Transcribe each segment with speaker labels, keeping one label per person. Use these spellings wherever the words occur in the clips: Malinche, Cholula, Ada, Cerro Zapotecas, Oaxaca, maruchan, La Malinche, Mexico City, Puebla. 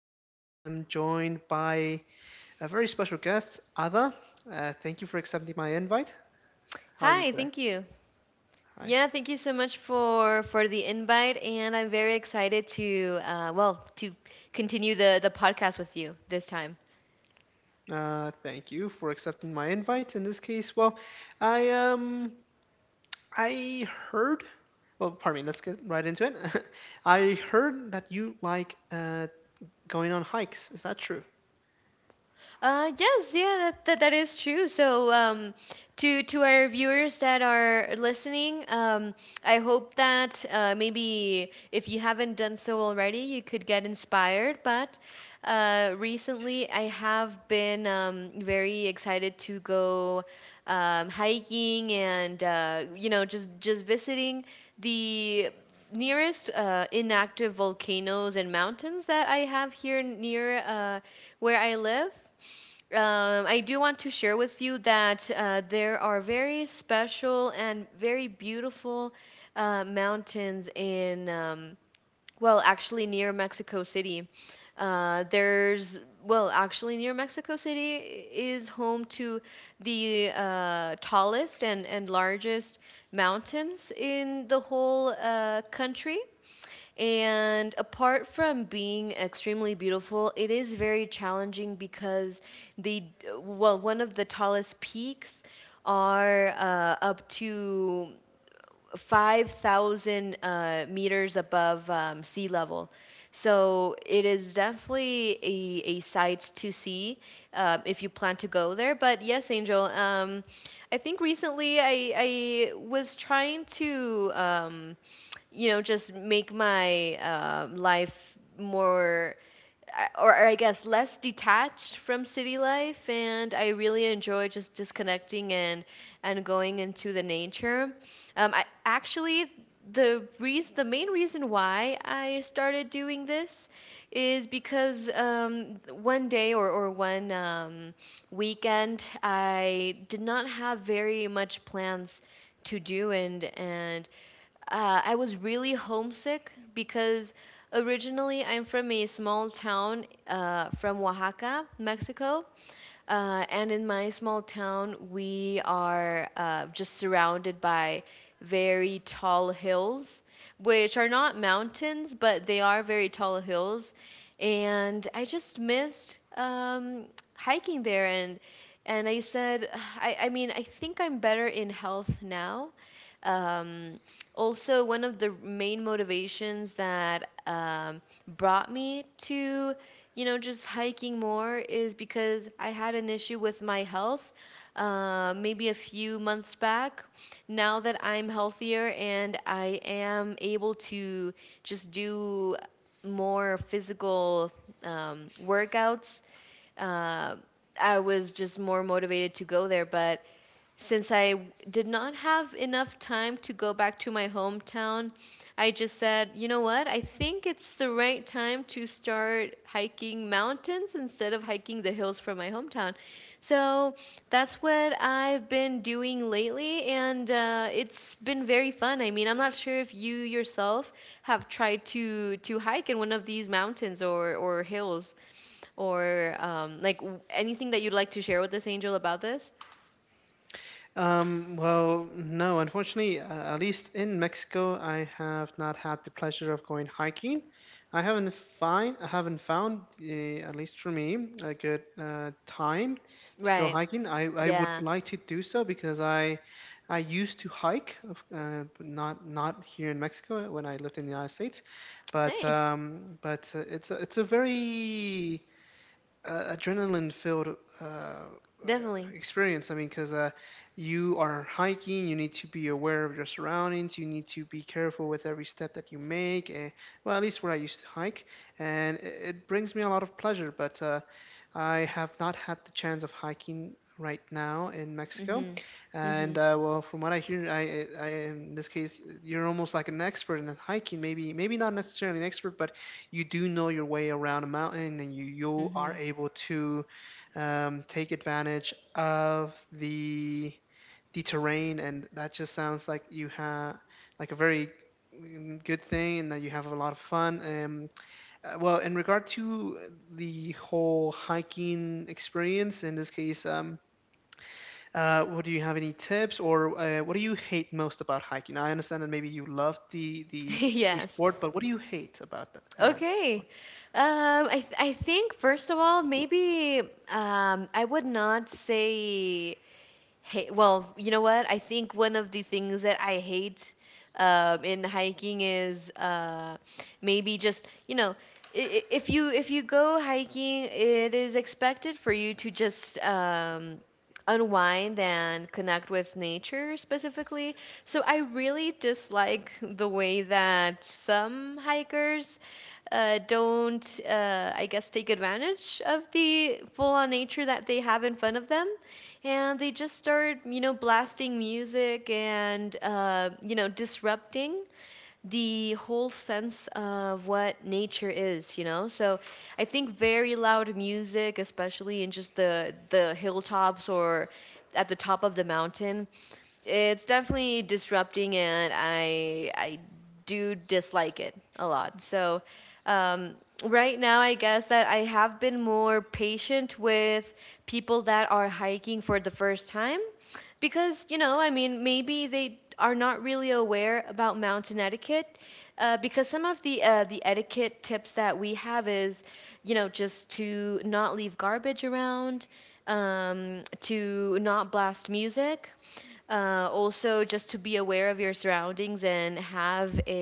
Speaker 1: I am joined by a very special guest, Ada. Thank you for accepting my invite. How are you
Speaker 2: Hi,
Speaker 1: today?
Speaker 2: thank you.
Speaker 1: Hi.
Speaker 2: Yeah, thank you so much for the invite, and I'm very excited to well to continue the podcast with you this time.
Speaker 1: Thank you for accepting my invite. In this case, well, I um, I heard. Well, pardon me. Let's get right into it. I heard that you like going on hikes. Is that true?
Speaker 2: Yes, yeah, that is true. So, to our viewers that are listening, I hope that maybe if you haven't done so already, you could get inspired. But recently, I have been very excited to go hiking and just visiting the nearest inactive volcanoes and mountains that I have here near where I live. I do want to share with you that there are very special and very beautiful mountains in, well, actually near Mexico City. Well, actually near Mexico City is home to the tallest and largest mountains in the whole country. And apart from being extremely beautiful, it is very challenging because the well, one of the tallest peaks are up to 5,000 meters above sea level. So it is definitely a sight to see if you plan to go there. But yes, Angel, I think recently I was trying to just make my life more I- or I guess less detached from city life, and I really enjoy just disconnecting and going into the nature. I actually the reason the main reason why I started doing this is because one day or one weekend I did not have very much plans to do and I was really homesick because originally I'm from a small town from Oaxaca, Mexico, and in my small town, we are just surrounded by very tall hills, which are not mountains, but they are very tall hills. And I just missed hiking there. And I said, I mean, I think I'm better in health now. Um, also, one of the main motivations that brought me to just hiking more is because I had an issue with my health maybe a few months back. Now that I'm healthier and I am able to just do more physical workouts, uh, I was just more motivated to go there. But since I did not have enough time to go back to my hometown, I just said, you know what? I think it's the right time to start hiking mountains instead of hiking the hills from my hometown. So that's what I've been doing lately, and it's been very fun. I mean, I'm not sure if you yourself have tried to hike in one of these mountains or hills or like anything that you'd like to share with us, Angel, about this.
Speaker 1: Well, no, unfortunately, at least in Mexico, I have not had the pleasure of going hiking. I haven't I haven't found, at least for me, a good time to go
Speaker 2: Right.
Speaker 1: hiking. I would
Speaker 2: Yeah.
Speaker 1: like to do so because I used to hike, but not here in Mexico when I lived in the United States, but
Speaker 2: Nice.
Speaker 1: um, but uh, it's a very adrenaline filled
Speaker 2: Definitely.
Speaker 1: experience. I mean, because you are hiking, you need to be aware of your surroundings, you need to be careful with every step that you make. And, well, at least where I used to hike, and it brings me a lot of pleasure. But I have not had the chance of hiking right now in Mexico,
Speaker 2: Mhm.
Speaker 1: and
Speaker 2: Mhm.
Speaker 1: well, from what I hear, I in this case you're almost like an expert in hiking. Maybe not necessarily an expert, but you do know your way around a mountain and you are
Speaker 2: Mhm.
Speaker 1: able to take advantage of the terrain, and that just sounds like you have like a very good thing, and that you have a lot of fun well, in regard to the whole hiking experience in this case what do you have any tips, or what do you hate most about hiking? I understand that maybe you love the
Speaker 2: Yes.
Speaker 1: sport, but what do you hate about the?
Speaker 2: Okay. I think first of all maybe I would not say, "Hey, well, you know what? I think one of the things that I hate in hiking is maybe just if you go hiking, it is expected for you to just unwind and connect with nature specifically." So I really dislike the way that some hikers don't, I guess, take advantage of the full on nature that they have in front of them and they just start blasting music and disrupting the whole sense of what nature is, you know? So I think very loud music, especially in just the hilltops or at the top of the mountain, it's definitely disrupting and I do dislike it a lot. So um right now I guess that I have been more patient with people that are hiking for the first time because I mean maybe they are not really aware about mountain etiquette because some of the etiquette tips that we have is just to not leave garbage around, to not blast music, also, just to be aware of your surroundings and have a,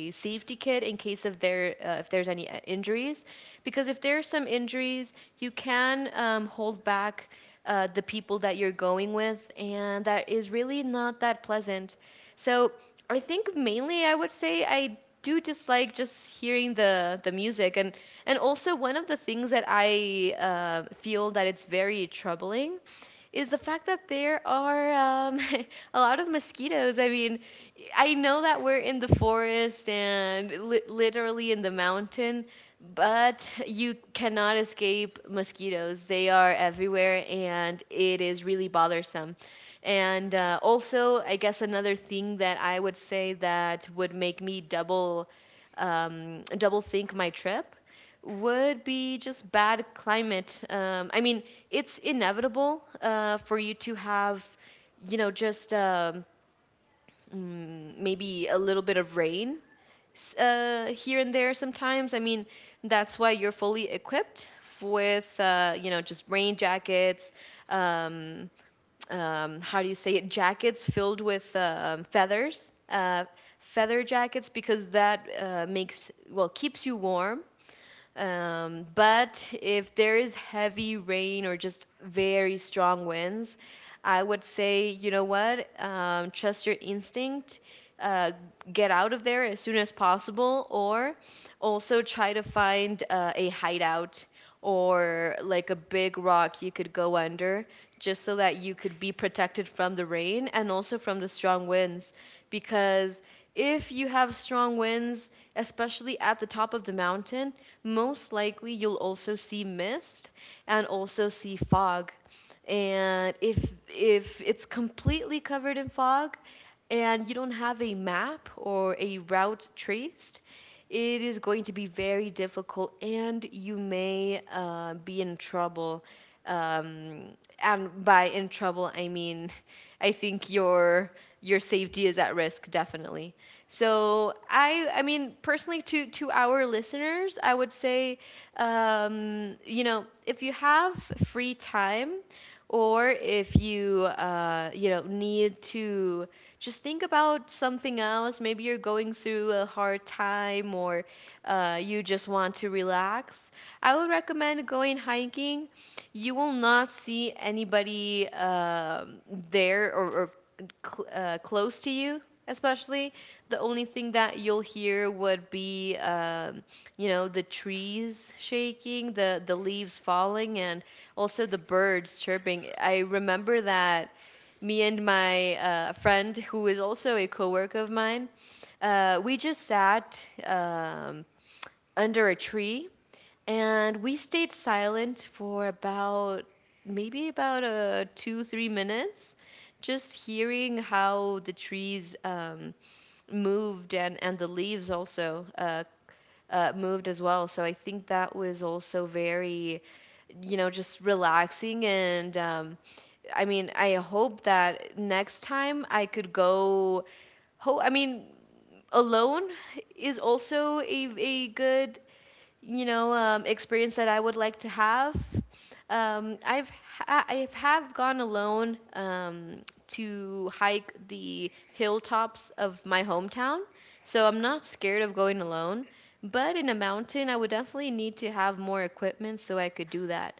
Speaker 2: a safety kit in case of there if there's any injuries, because if there are some injuries, you can hold back the people that you're going with, and that is really not that pleasant. So I think mainly I would say I do dislike just hearing the music, and also one of the things that I feel that it's very troubling is the fact that there are um, a lot of mosquitoes. I mean, I know that we're in the forest and literally in the mountain, but you cannot escape mosquitoes. They are everywhere and it is really bothersome. And also, I guess another thing that I would say that would make me double think my trip would be just bad climate. I mean, it's inevitable for you to have, just maybe a little bit of rain here and there sometimes. I mean, that's why you're fully equipped with, just rain jackets. Um, how do you say it? Jackets filled with feathers, feather jackets, because that makes well keeps you warm, but if there is heavy rain or just very strong winds, I would say, you know what, trust your instinct, uh, get out of there as soon as possible, or also try to find a hideout or like a big rock you could go under, just so that you could be protected from the rain and also from the strong winds, because if you have strong winds, especially at the top of the mountain, most likely you'll also see mist and also see fog. And if it's completely covered in fog and you don't have a map or a route traced, it is going to be very difficult and you may be in trouble. Um, and by in trouble, I mean, I think your safety is at risk, definitely. So I mean, personally, to our listeners, I would say, if you have free time, or if you you know need to just think about something else, maybe you're going through a hard time, or you just want to relax. I would recommend going hiking. You will not see anybody there, or close to you especially. The only thing that you'll hear would be the trees shaking, the leaves falling, and also the birds chirping. I remember that me and my friend, who is also a coworker of mine, we just sat under a tree, and we stayed silent for about maybe about two, 3 minutes, just hearing how the trees moved, and the leaves also moved as well. So I think that was also very, just relaxing. And I mean, I hope that next time I could go. I mean, alone is also a good, experience that I would like to have. I have gone alone to hike the hilltops of my hometown, so I'm not scared of going alone. But in a mountain, I would definitely need to have more equipment so I could do that.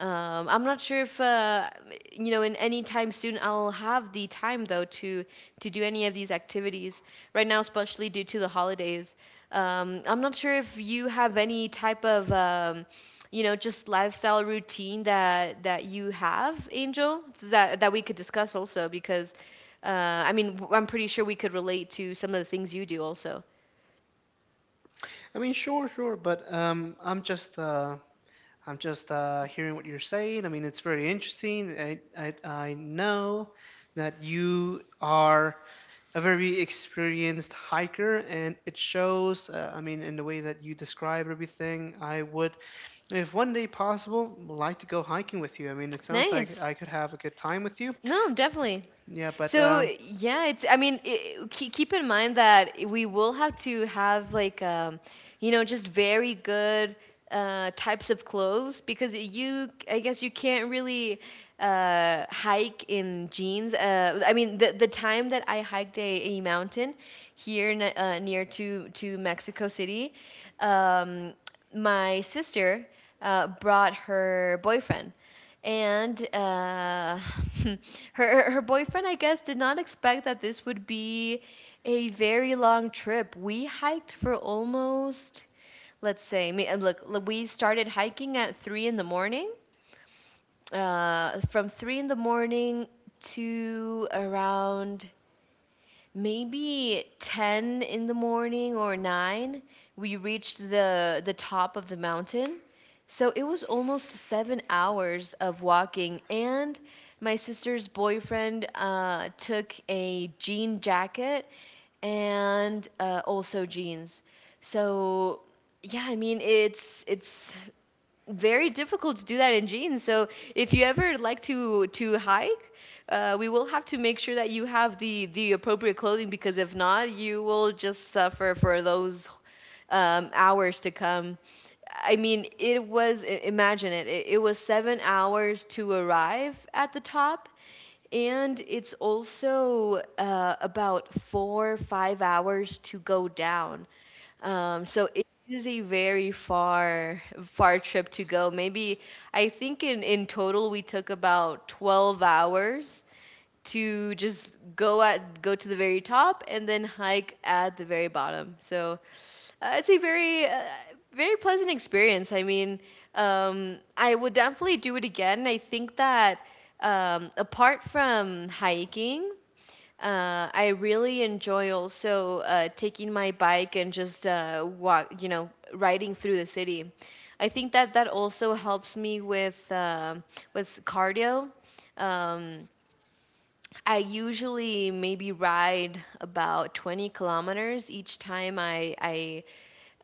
Speaker 2: I'm not sure if in any time soon I'll have the time though to do any of these activities right now, especially due to the holidays. I'm not sure if you have any type of just lifestyle routine that you have, Angel, that we could discuss also, because uh, I mean I'm pretty sure we could relate to some of the things you do also.
Speaker 1: I mean, sure, sure, but I'm just hearing what you're saying. I mean, it's very interesting. I know that you are a very experienced hiker, and it shows. I mean, in the way that you describe everything, I would, if one day possible, would like to go hiking with you. I mean, it sounds like
Speaker 2: Nice.
Speaker 1: I could have a good time with you.
Speaker 2: No, definitely.
Speaker 1: Yeah, but
Speaker 2: So yeah, it's. I mean, I keep in mind that we will have to have, like, just very good types of clothes, because you, I guess, you can't really hike in jeans. I mean, the time that I hiked a mountain here near to Mexico City, um, my sister brought her boyfriend, and her boyfriend, I guess, did not expect that this would be a very long trip. We hiked for almost, let's say, I mean, and look, we started hiking at 3 in the morning. From 3 in the morning to around maybe 10 in the morning or 9, we reached the top of the mountain. So it was almost 7 hours of walking, and my sister's boyfriend took a jean jacket and also jeans. So yeah, I mean, it's very difficult to do that in jeans. So if you ever like to hike, we will have to make sure that you have the appropriate clothing because if not, you will just suffer for those hours to come. I mean, it was imagine it. It was 7 hours to arrive at the top. And it's also about four, 5 hours to go down. Um, so it, this is a very far trip to go. Maybe I think in total we took about 12 hours to just go to the very top and then hike at the very bottom. So it's a very pleasant experience. I mean, I would definitely do it again. I think that apart from hiking, I really enjoy also taking my bike and just riding through the city. I think that that also helps me with cardio. Um, I usually maybe ride about 20 kilometers each time I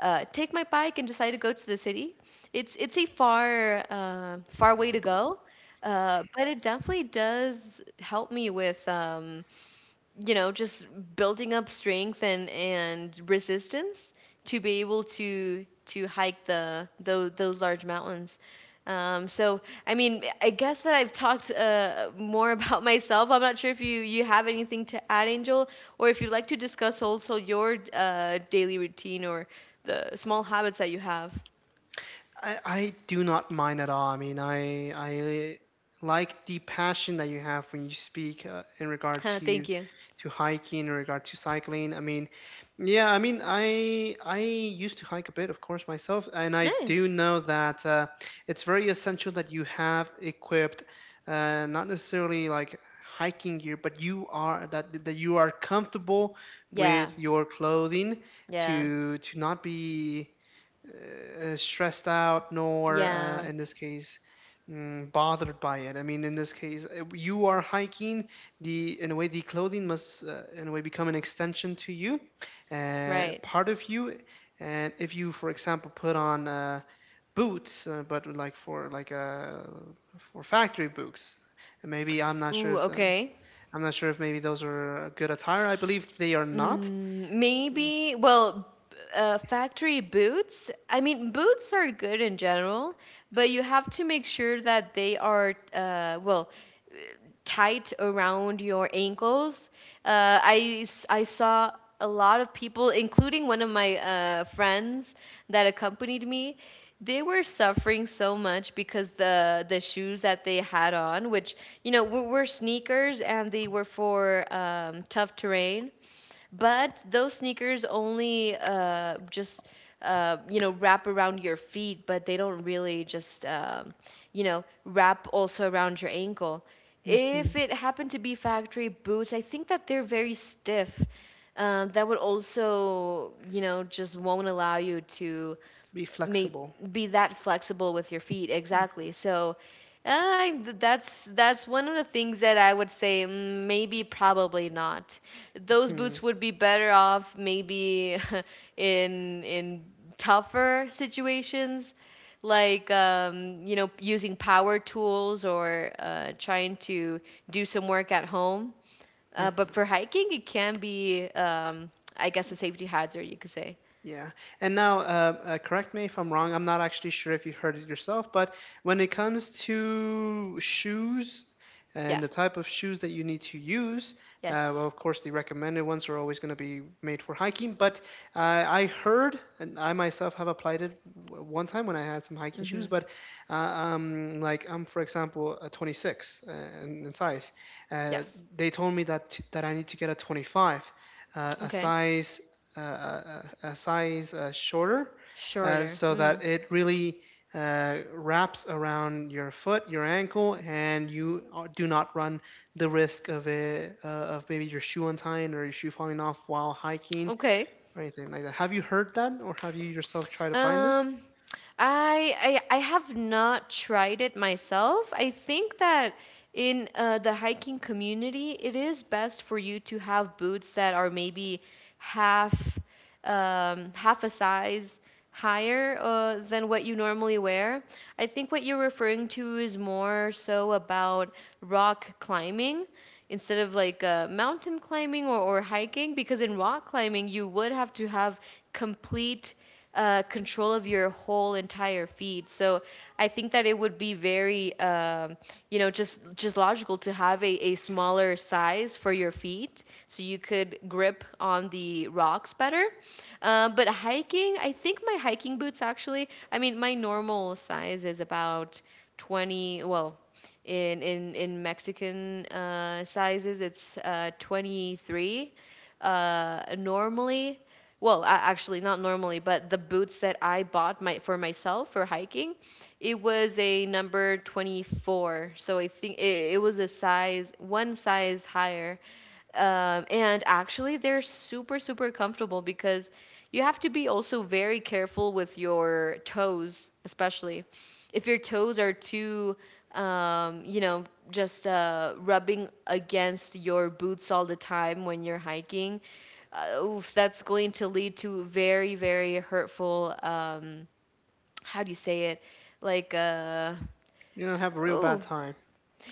Speaker 2: take my bike and decide to go to the city. It's a far way to go, but it definitely does help me with. You know just building up strength and resistance to be able to hike the those large mountains um, so I mean I guess that I've talked more about myself. I'm not sure if you have anything to add, Angel, or if you'd like to discuss also your daily routine or the small habits that you have.
Speaker 1: I do not mind at all. I mean, I like the passion that you have when you speak in regard
Speaker 2: Huh, thank
Speaker 1: to
Speaker 2: you.
Speaker 1: to hiking, in regard to cycling. I mean, yeah, I mean, I used to hike a bit, of course, myself, and I do
Speaker 2: Nice.
Speaker 1: know that it's very essential that you have equipped, not necessarily like hiking gear, but you are that that you are comfortable
Speaker 2: Yeah,
Speaker 1: with your clothing
Speaker 2: yeah,
Speaker 1: to not be stressed out, nor
Speaker 2: yeah.
Speaker 1: in this case bothered by it. I mean, in this case you are hiking, the in a way, the clothing must, in a way, become an extension to you,
Speaker 2: Right.
Speaker 1: part of you, and if you, for example, put on boots, but for factory boots, and maybe i'm not sure
Speaker 2: Ooh,
Speaker 1: if the
Speaker 2: okay.
Speaker 1: i'm not sure if maybe those are good attire. I believe they are not.
Speaker 2: Mm, maybe, well, factory boots. I mean, boots are good in general, but you have to make sure that they are, well, tight around your ankles. I, I saw a lot of people, including one of my friends that accompanied me. They were suffering so much because the shoes that they had on, which you know were sneakers, and they were for tough terrain, but those sneakers only just you know wrap around your feet, but they don't really just you know wrap also around your ankle.
Speaker 1: Mhm.
Speaker 2: If it happened to be factory boots, I think that they're very stiff. That would also, you know, just won't allow you to
Speaker 1: Be
Speaker 2: may
Speaker 1: flexible.
Speaker 2: be that flexible with your feet exactly. So I, that's one of the things that I would say. Mm, maybe probably not. Those
Speaker 1: Mhm.
Speaker 2: boots would be better off maybe in tougher situations, like you know using power tools or trying to do some work at home. But
Speaker 1: Mhm.
Speaker 2: for hiking, it can be I guess a safety hazard, you could say.
Speaker 1: Yeah. And now, correct me if I'm wrong. I'm not actually sure if you heard it yourself, but when it comes to shoes
Speaker 2: Yeah.
Speaker 1: and the type of shoes that you need to use,
Speaker 2: Yes.
Speaker 1: well, of course, the recommended ones are always going to be made for hiking. But I heard, and I myself have applied it one time when I had some hiking shoes,
Speaker 2: Hmm.
Speaker 1: but like I'm, for example, a 26 in size. Uh,
Speaker 2: Yes.
Speaker 1: they told me that I need to get a 25, uh, a
Speaker 2: Okay.
Speaker 1: size a size shorter,
Speaker 2: Shorter.
Speaker 1: so
Speaker 2: Hmm.
Speaker 1: that it really wraps around your foot, your ankle, and you do not run the risk of it, of maybe your shoe untying or your shoe falling off while hiking
Speaker 2: Okay.
Speaker 1: or anything like that. Have you heard that, or have you yourself tried applying this?
Speaker 2: Um. I have not tried it myself. I think that in the hiking community, it is best for you to have boots that are maybe half half a size higher than what you normally wear. I think what you're referring to is more so about rock climbing instead of like mountain climbing or hiking, because in rock climbing you would have to have complete control of your whole entire feed. So I think that it would be very, you know, just logical to have a smaller size for your feet so you could grip on the rocks better. But hiking, I think my hiking boots actually, I mean, my normal size is about 20, well, in Mexican sizes, it's 23 normally. Well, actually not normally, but the boots that I bought my for myself for hiking, it was a number 24. So I think it was a size one size higher, and actually, they're super, super comfortable because you have to be also very careful with your toes, especially if your toes are too, you know, just rubbing against your boots all the time when you're hiking. Oof, that's going to lead to very, very hurtful. How do you say it? Like,
Speaker 1: You're gonna have a real
Speaker 2: oh,
Speaker 1: bad time.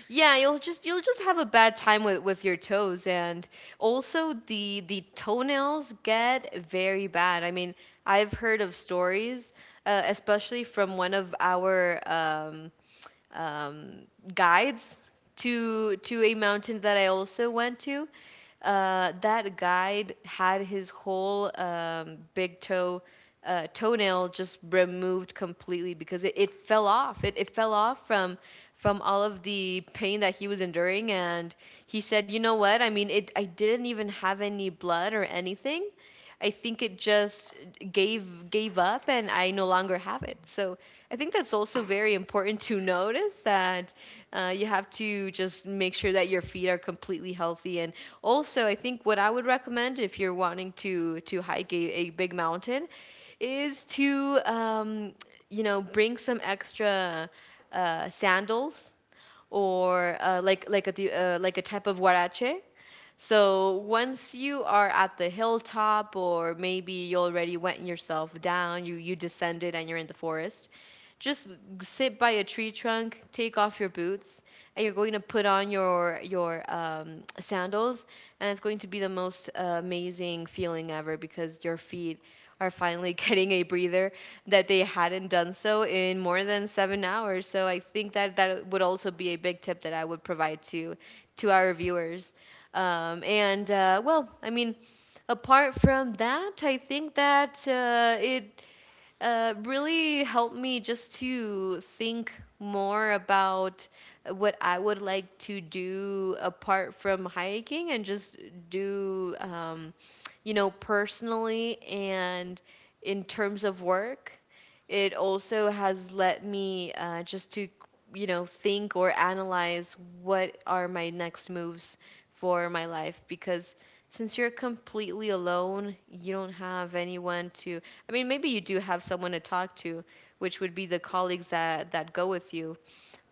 Speaker 2: yeah, you'll just have a bad time with your toes and also the toenails get very bad. I mean, I've heard of stories, especially from one of our um, guides to a mountain that I also went to. That guide had his whole big toe toenail just removed completely because it fell off. It fell off from all of the pain that he was enduring, and he said, "You know what? I mean, it. I didn't even have any blood or anything." I think it just gave up and I no longer have it. So I think that's also very important to notice that you have to just make sure that your feet are completely healthy. And also, I think what I would recommend if you're wanting to hike a big mountain is to you know bring some extra sandals or like a type of huarache. So once you are at the hilltop, or maybe you already went yourself down, you descended and you're in the forest, just sit by a tree trunk, take off your boots, and you're going to put on your sandals, and it's going to be the most amazing feeling ever because your feet are finally getting a breather that they hadn't done so in more than 7 hours. So I think that that would also be a big tip that I would provide to our viewers. And well, I mean, apart from that, I think that it really helped me just to think more about what I would like to do apart from hiking and just do, you know, personally and in terms of work. It also has let me just to, you know, think or analyze what are my next moves for my life because since you're completely alone, you don't have anyone to, I mean, maybe you do have someone to talk to, which would be the colleagues that, that go with you,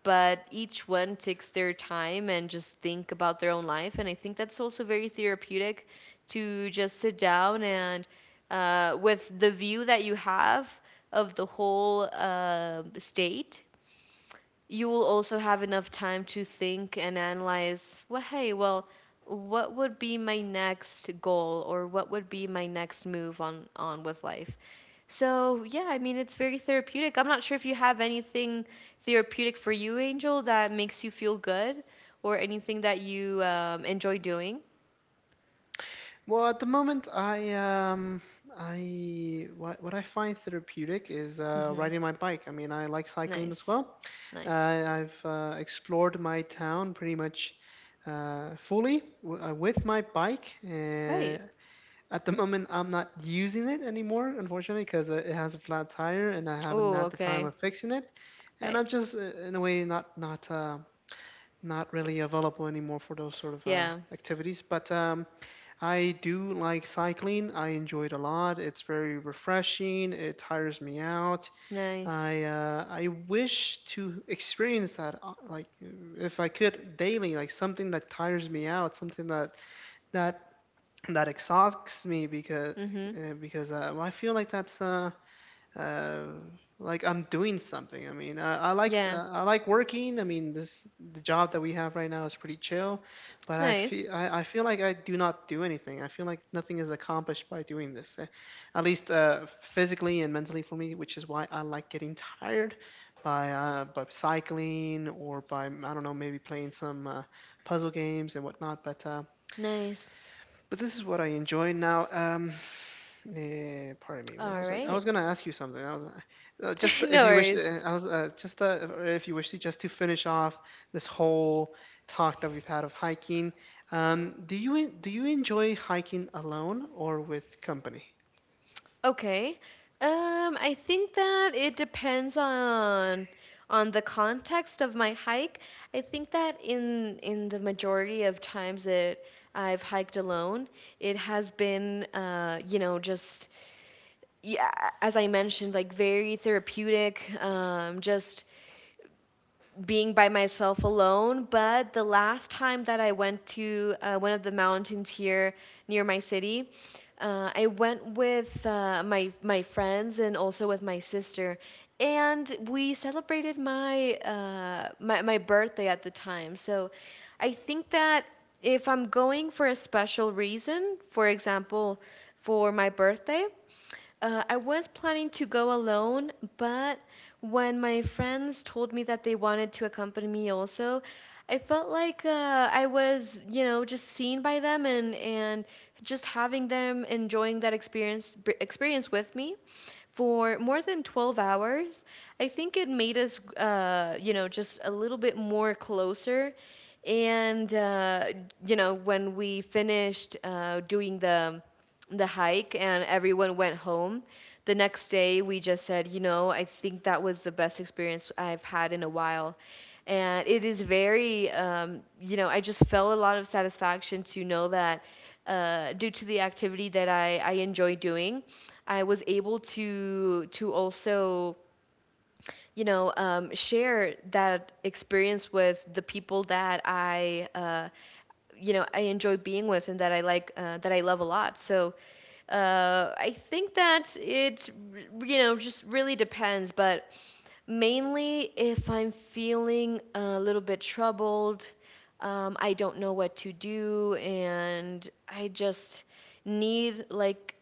Speaker 2: but each one takes their time and just think about their own life. And I think that's also very therapeutic to just sit down and, with the view that you have of the whole state, you will also have enough time to think and analyze, well, hey, well, what would be my next goal or what would be my next move on with life. So, yeah, I mean, it's very therapeutic. I'm not sure if you have anything therapeutic for you, Angel, that makes you feel good or anything that you enjoy doing.
Speaker 1: Well, at the moment, I what I find therapeutic is
Speaker 2: Hmm.
Speaker 1: riding my bike. I mean, I like cycling as
Speaker 2: Nice.
Speaker 1: well. Uh,
Speaker 2: Nice.
Speaker 1: I've explored my town pretty much fully with my bike.
Speaker 2: Right.
Speaker 1: At the moment, I'm not using it anymore, unfortunately, because it has a flat tire and I haven't
Speaker 2: Oh,
Speaker 1: had the time
Speaker 2: okay.
Speaker 1: of fixing it. And
Speaker 2: Right.
Speaker 1: I'm just, in a way, not really available anymore for those sort of
Speaker 2: Yeah.
Speaker 1: activities. But I do like cycling. I enjoy it a lot. It's very refreshing. It tires me out.
Speaker 2: Nice.
Speaker 1: I wish to experience that like, if I could daily, like something that tires me out, something that that exhausts me, because
Speaker 2: Mm-hmm.
Speaker 1: well, I feel like that's uh, like I'm doing something. I mean, I, I like
Speaker 2: Yeah.
Speaker 1: uh, I like working. I mean, this the job that we have right now is pretty chill, but I
Speaker 2: Nice.
Speaker 1: feel I, I feel like I do not do anything. I feel like nothing is accomplished by doing this, at least physically and mentally for me, which is why I like getting tired by by cycling, or by, I don't know, maybe playing some puzzle games and whatnot. But uh,
Speaker 2: Nice.
Speaker 1: but this is what I enjoy now. Pardon me. What
Speaker 2: All
Speaker 1: was I? I
Speaker 2: right.
Speaker 1: was gonna ask you something.
Speaker 2: No worries.
Speaker 1: I was just if you wish to just to finish off this whole talk that we've had of hiking. Do you enjoy hiking alone or with company?
Speaker 2: Okay. I think that it depends on the context of my hike. I think that in the majority of times that I've hiked alone, it has been you know, just yeah, as I mentioned, like very therapeutic, just being by myself alone. But the last time that I went to one of the mountains here near my city, I went with my friends and also with my sister, and we celebrated my my birthday at the time. So I think that if I'm going for a special reason, for example, for my birthday, I was planning to go alone, but when my friends told me that they wanted to accompany me also, I felt like I was, you know, just seen by them and just having them enjoying that experience with me for more than 12 hours. I think it made us, you know, just a little bit more closer. And, you know, when we finished doing the hike and everyone went home, the next day we just said, you know, I think that was the best experience I've had in a while. And it is very, you know, I just felt a lot of satisfaction to know that due to the activity that I enjoy doing, I was able to also you know share that experience with the people that I you know I enjoy being with and that I like that I love a lot. So I think that it just really depends, but mainly if I'm feeling a little bit troubled, I don't know what to do, and I just need like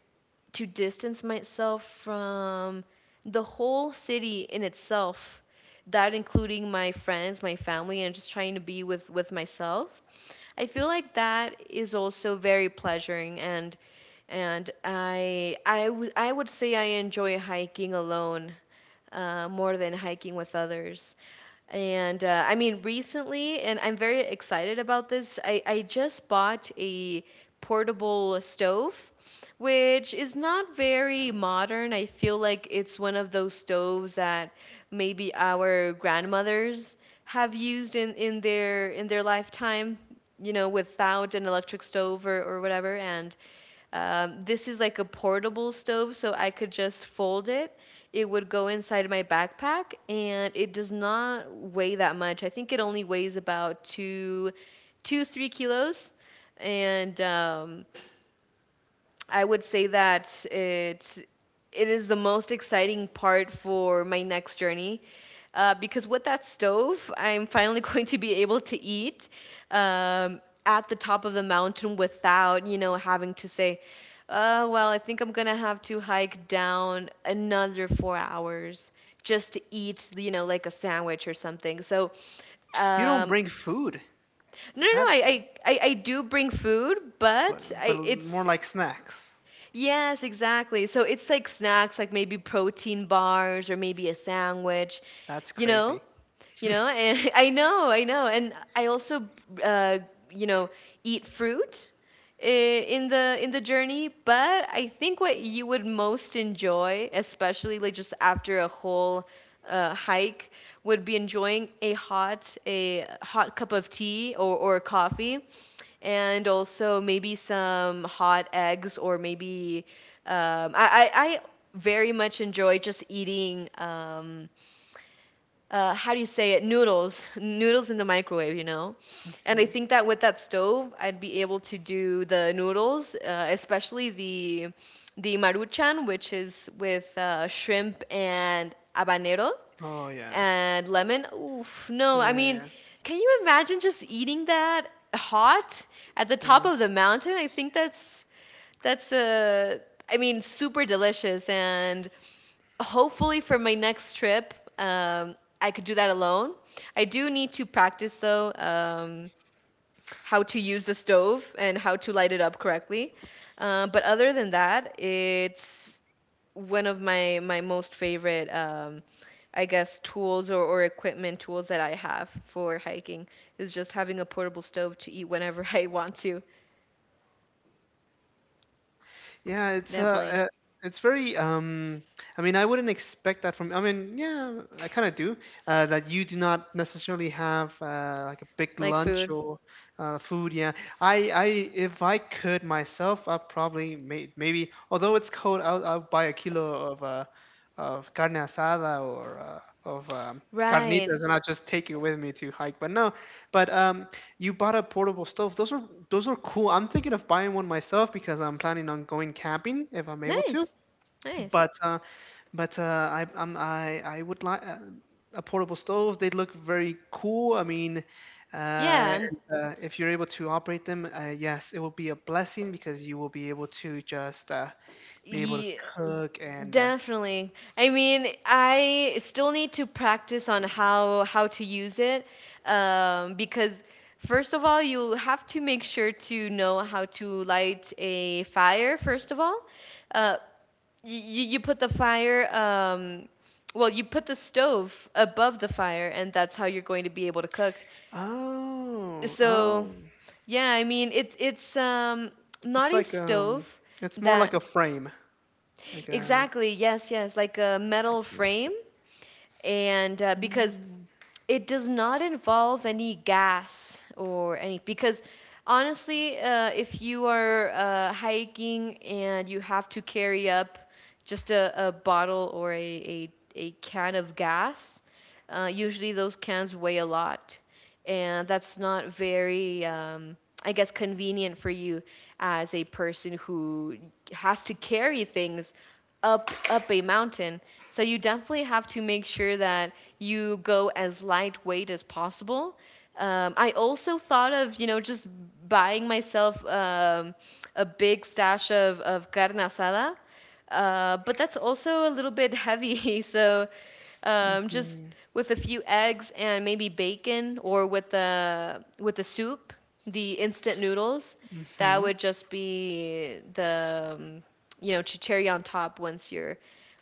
Speaker 2: to distance myself from the whole city in itself, that including my friends, my family, and just trying to be with myself. I feel like that is also very pleasuring. And I would say I enjoy hiking alone, more than hiking with others. And I mean, recently, and I'm very excited about this, I just bought a portable stove, which is not very modern. I feel like it's one of those stoves that maybe our grandmothers have used in their lifetime, without an electric stove, or whatever. And this is like a portable stove, so I could just fold it. It would go inside my backpack, and it does not weigh that much. I think it only weighs about two, 3 kilos, and I would say that it is the most exciting part for my next journey. Because with that stove, I'm finally going to be able to eat um, at the top of the mountain without, having to say, well, I think I'm going to have to hike down another 4 hours just to eat, you know, like a sandwich or something. So,
Speaker 1: You don't
Speaker 2: um,
Speaker 1: bring food.
Speaker 2: no, no, no,
Speaker 1: That
Speaker 2: I do bring food, but
Speaker 1: but
Speaker 2: I,
Speaker 1: more
Speaker 2: it's.
Speaker 1: like snacks.
Speaker 2: Yes, exactly. So it's like snacks, like maybe protein bars or maybe a sandwich,
Speaker 1: That's
Speaker 2: you know?
Speaker 1: crazy.
Speaker 2: And I know, I know. And I also uh, you know eat fruit in the journey. But I think what you would most enjoy, especially like just after a whole hike, would be enjoying a hot cup of tea, or coffee. And also maybe some hot eggs, or maybe I very much enjoy just eating how do you say it, noodles in the microwave, and I
Speaker 1: Hmm.
Speaker 2: think that with that stove I'd be able to do the noodles, especially the maruchan, which is with shrimp and habanero
Speaker 1: Oh, yeah.
Speaker 2: and lemon. Oof, no, I
Speaker 1: Yeah,
Speaker 2: mean,
Speaker 1: yeah,
Speaker 2: can you imagine just eating that hot at the top
Speaker 1: yeah.
Speaker 2: of the mountain? I think that's, I mean, super delicious. And hopefully, for my next trip, I could do that alone. I do need to practice, though, how to use the stove and how to light it up correctly. But other than that, it's one of my most favorite, I guess, tools, or equipment tools that I have for hiking, is just having a portable stove to eat whenever I want to.
Speaker 1: Yeah, it's
Speaker 2: Definitely.
Speaker 1: very I mean, I wouldn't expect that from I mean, yeah, I kind of do, that you do not necessarily have like a big
Speaker 2: Like
Speaker 1: lunch
Speaker 2: food.
Speaker 1: or food, yeah. I if I could myself, I probably maybe, although it's cold, I'll buy a kilo of carne asada, or of
Speaker 2: Right.
Speaker 1: carnitas, and I'll just take it with me to hike. But no, but you bought a portable stove. Those are cool. I'm thinking of buying one myself because I'm planning on going camping if I'm able to.
Speaker 2: Nice. Nice.
Speaker 1: But uh, but I I'm, I would like a portable stove. They look very cool. I mean,
Speaker 2: Yeah, and
Speaker 1: and, if you're able to operate them, yes, it will be a blessing because you will be able to just be able to
Speaker 2: yeah,
Speaker 1: cook and
Speaker 2: definitely. I mean, I still need to practice on how to use it, because first of all, you have to make sure to know how to light a fire. First of all, uh, you put the fire, well, you put the stove above the fire, and that's how you're going to be able to cook.
Speaker 1: oh,
Speaker 2: So,
Speaker 1: oh,
Speaker 2: yeah, I mean, it's not
Speaker 1: it's
Speaker 2: a
Speaker 1: like,
Speaker 2: stove
Speaker 1: it's more like
Speaker 2: that.
Speaker 1: a frame, like a.
Speaker 2: Exactly. Yes, yes, like a metal frame. And because
Speaker 1: Mm-hmm.
Speaker 2: it does not involve any gas or any, because honestly, if you are hiking and you have to carry up just a bottle, or a can of gas. Usually those cans weigh a lot, and that's not very I guess convenient for you as a person who has to carry things up a mountain. So you definitely have to make sure that you go as lightweight as possible. I also thought of, just buying myself a big stash of carne asada, but that's also a little bit heavy. So, just with a few eggs and maybe bacon, or with the soup, the instant noodles. That
Speaker 1: Mm-hmm.
Speaker 2: would just be the to cherry on top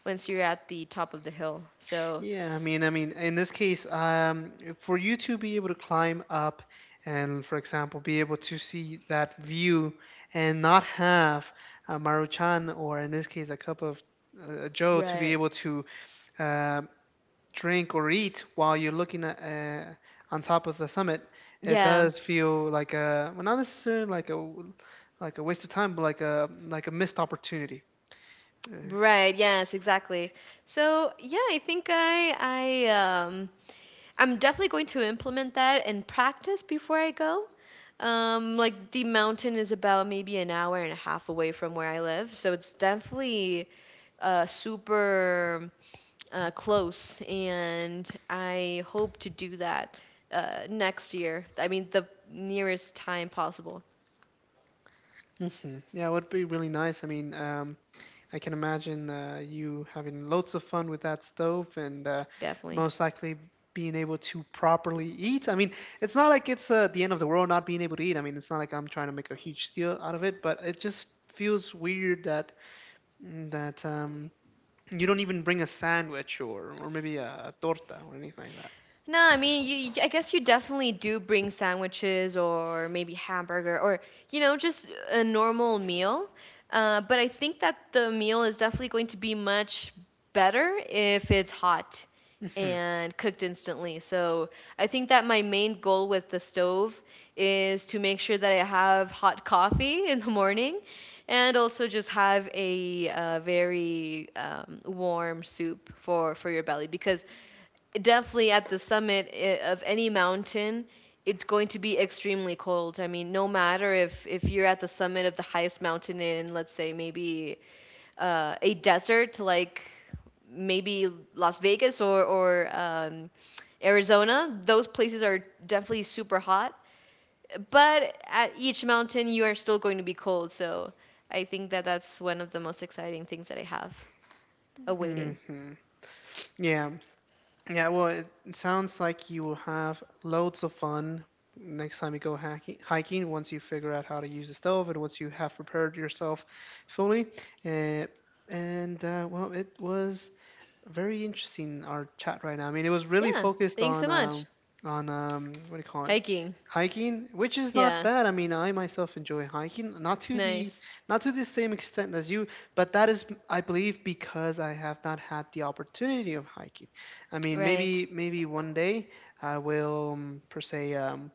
Speaker 2: once you're at the top of the hill. So.
Speaker 1: Yeah, I mean, in this case, for you to be able to climb up and, for example, be able to see that view, and not have a Maruchan or, in this case, a cup of Joe to be
Speaker 2: Right.
Speaker 1: able to uh, drink or eat while you're looking at on top of the summit, it
Speaker 2: Yeah,
Speaker 1: does feel like a, well, not necessarily like a waste of time, but like a missed opportunity. Uh,
Speaker 2: right. Yes, exactly. So yeah, I think um I'm definitely going to implement that and practice before I go. Like the mountain is about maybe an hour and a half away from where I live, so it's definitely super, close, and I hope to do that next year. I mean, the nearest time possible.
Speaker 1: mhm. Yeah, it would be really nice. I mean, I can imagine you having loads of fun with that stove, and
Speaker 2: Definitely.
Speaker 1: most likely being able to properly eat. I mean, it's not like it's the end of the world not being able to eat. I mean, it's not like I'm trying to make a huge deal out of it, but it just feels weird that you don't even bring a sandwich, or maybe a torta, or anything like
Speaker 2: No, I mean, I guess you definitely do bring sandwiches, or maybe hamburger, or just a normal meal. But I think that the meal is definitely going to be much better if it's hot
Speaker 1: that. Hmm.
Speaker 2: and cooked instantly. So I think that my main goal with the stove is to make sure that I have hot coffee in the morning, and also just have a very warm soup for your belly, because definitely at the summit, of any mountain, it's going to be extremely cold. I mean, no matter if you're at the summit of the highest mountain in, let's say, maybe a desert, like maybe Las Vegas or Arizona. Those places are definitely super hot, but at each mountain you are still going to be cold. So I think that that's one of the most exciting things that I have
Speaker 1: Hmm.
Speaker 2: awaiting.
Speaker 1: Yeah. Yeah, well, it sounds like you will have loads of fun next time you go hiking, once you figure out how to use the stove and once you have prepared yourself fully. Uh, and well, it was very interesting, our chat right now. I mean, it was really
Speaker 2: Yeah,
Speaker 1: focused
Speaker 2: thanks so
Speaker 1: on
Speaker 2: much.
Speaker 1: on what do you call it,
Speaker 2: Hiking.
Speaker 1: hiking, which is not
Speaker 2: Yeah.
Speaker 1: bad. I mean, I myself enjoy hiking,
Speaker 2: Nice.
Speaker 1: not to the same extent as you, but that is, I believe, because I have not had the opportunity of hiking. I mean,
Speaker 2: Right.
Speaker 1: maybe one day I will, per se.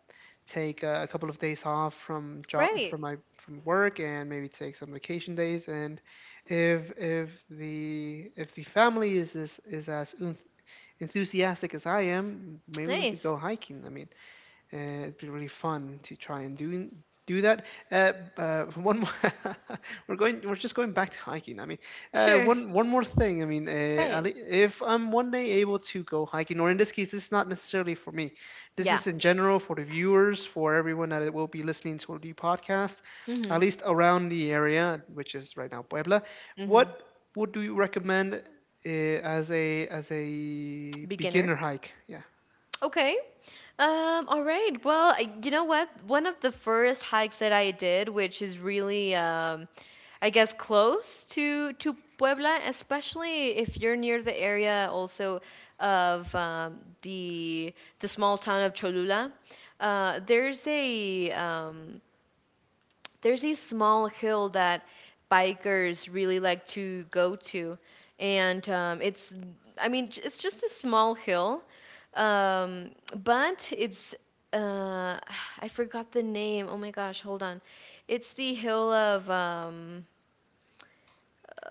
Speaker 1: Take a couple of days off from job
Speaker 2: Right.
Speaker 1: from my from work and maybe take some vacation days, and if the family is, is as enthusiastic as I am, maybe we could
Speaker 2: Nice.
Speaker 1: go hiking. I mean, it'd be really fun to try and do that. Uh, One more, we're just going back to hiking. I mean,
Speaker 2: Sure.
Speaker 1: one more thing. I mean,
Speaker 2: Right.
Speaker 1: Ali, if I'm one day able to go hiking, or in this case, this is not necessarily for me. This
Speaker 2: Yeah.
Speaker 1: is in general for the viewers, for everyone that will be listening to the podcast, at
Speaker 2: Mhm.
Speaker 1: least around the area, which is right now Puebla. What
Speaker 2: Mhm.
Speaker 1: would do you recommend as a
Speaker 2: Beginner.
Speaker 1: beginner hike? Yeah.
Speaker 2: Okay. All right. Well, you know what? One of the first hikes that I did, which is really I guess close to Puebla, especially if you're near the area also of the small town of Cholula. Uh, there's a um, there's a small hill that bikers really like to go to, and it's I mean, it's just a small hill. um, but it's uh, I forgot the name. Oh my gosh, hold on. It's the hill of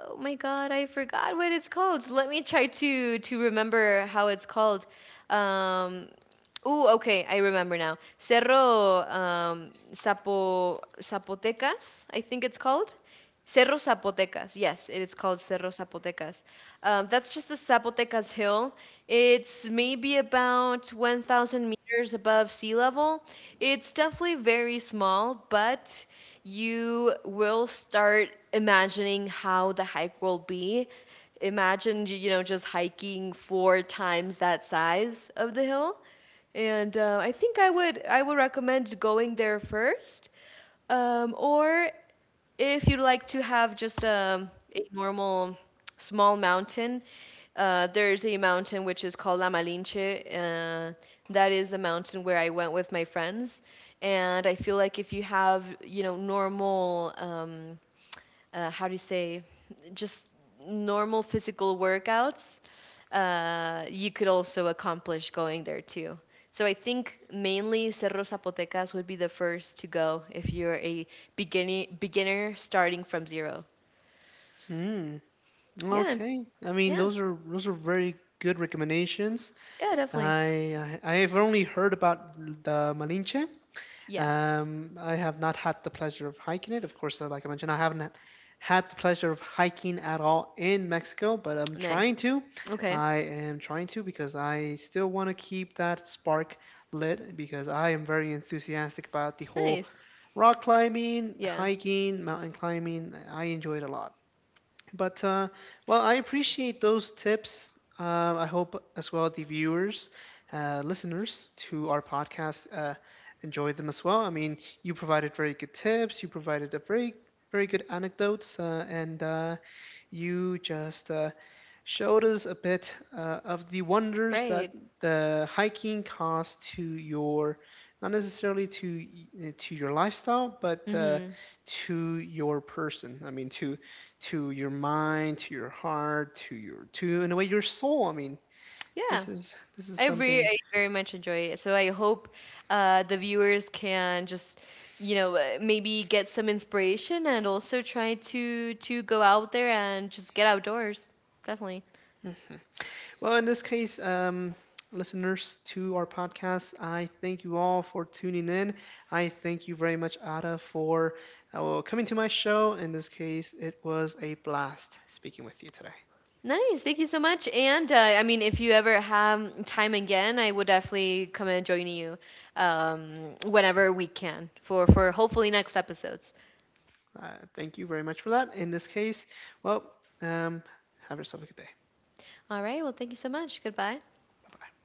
Speaker 2: Oh my god, I forgot what it's called. Let me try to remember how it's called. Um, Ooh, okay, I remember now. Cerro Zapotecas, I think it's called. Cerro Zapotecas. Yes, it is called Cerro Zapotecas. That's just the Zapotecas hill. It's maybe about 1,000 meters above sea level. It's definitely very small, but you will start imagining how the hike will be. Imagine, just hiking four times that size of the hill. And I think I would recommend going there first. Or if you'd like to have just a normal small mountain, there's a mountain which is called La Malinche. That is the mountain where I went with my friends. And I feel like if you have, normal how do you say, just normal physical workouts, you could also accomplish going there too. So I think mainly Cerro Zapotecas would be the first to go if you're a beginning beginner starting from zero.
Speaker 1: Mm.
Speaker 2: Yeah,
Speaker 1: Okay. I mean,
Speaker 2: yeah,
Speaker 1: those are very good recommendations.
Speaker 2: yeah, definitely.
Speaker 1: I have only heard about the Malinche.
Speaker 2: Yeah,
Speaker 1: I have not had the pleasure of hiking it. Of course, like I mentioned, I haven't had the pleasure of hiking at all in Mexico, but I'm trying
Speaker 2: nice.
Speaker 1: to.
Speaker 2: Okay,
Speaker 1: I am trying to because I still want to keep that spark lit, because I am very enthusiastic about the whole
Speaker 2: nice.
Speaker 1: rock climbing,
Speaker 2: Yeah,
Speaker 1: hiking, mountain climbing. I enjoy it a lot. But well, I appreciate those tips. I hope as well the viewers, listeners to our podcast enjoy them as well. I mean, you provided very good tips. You provided a very, very good anecdotes, and you just showed us a bit of the wonders that
Speaker 2: right.
Speaker 1: the hiking caused to your, not necessarily to to your lifestyle, but
Speaker 2: Mhm.
Speaker 1: to your person. I mean, to your mind, to your heart, to in a way your soul. I mean,
Speaker 2: Yeah.
Speaker 1: this is something.
Speaker 2: I very much enjoy it. So I hope the viewers can just, maybe get some inspiration and also try to go out there and just get outdoors. Definitely.
Speaker 1: Well, in this case, listeners to our podcast, I thank you all for tuning in. I thank you very much, Ada, for well, coming to my show. In this case, it was a blast speaking with you today.
Speaker 2: Nice. Thank you so much. And I mean, if you ever have time again, I would definitely come and join you, whenever we can, for hopefully next episodes.
Speaker 1: Thank you very much for that. In this case, well, um, have yourself a good day.
Speaker 2: All right. Well, thank you so much. Goodbye.
Speaker 1: Bye bye.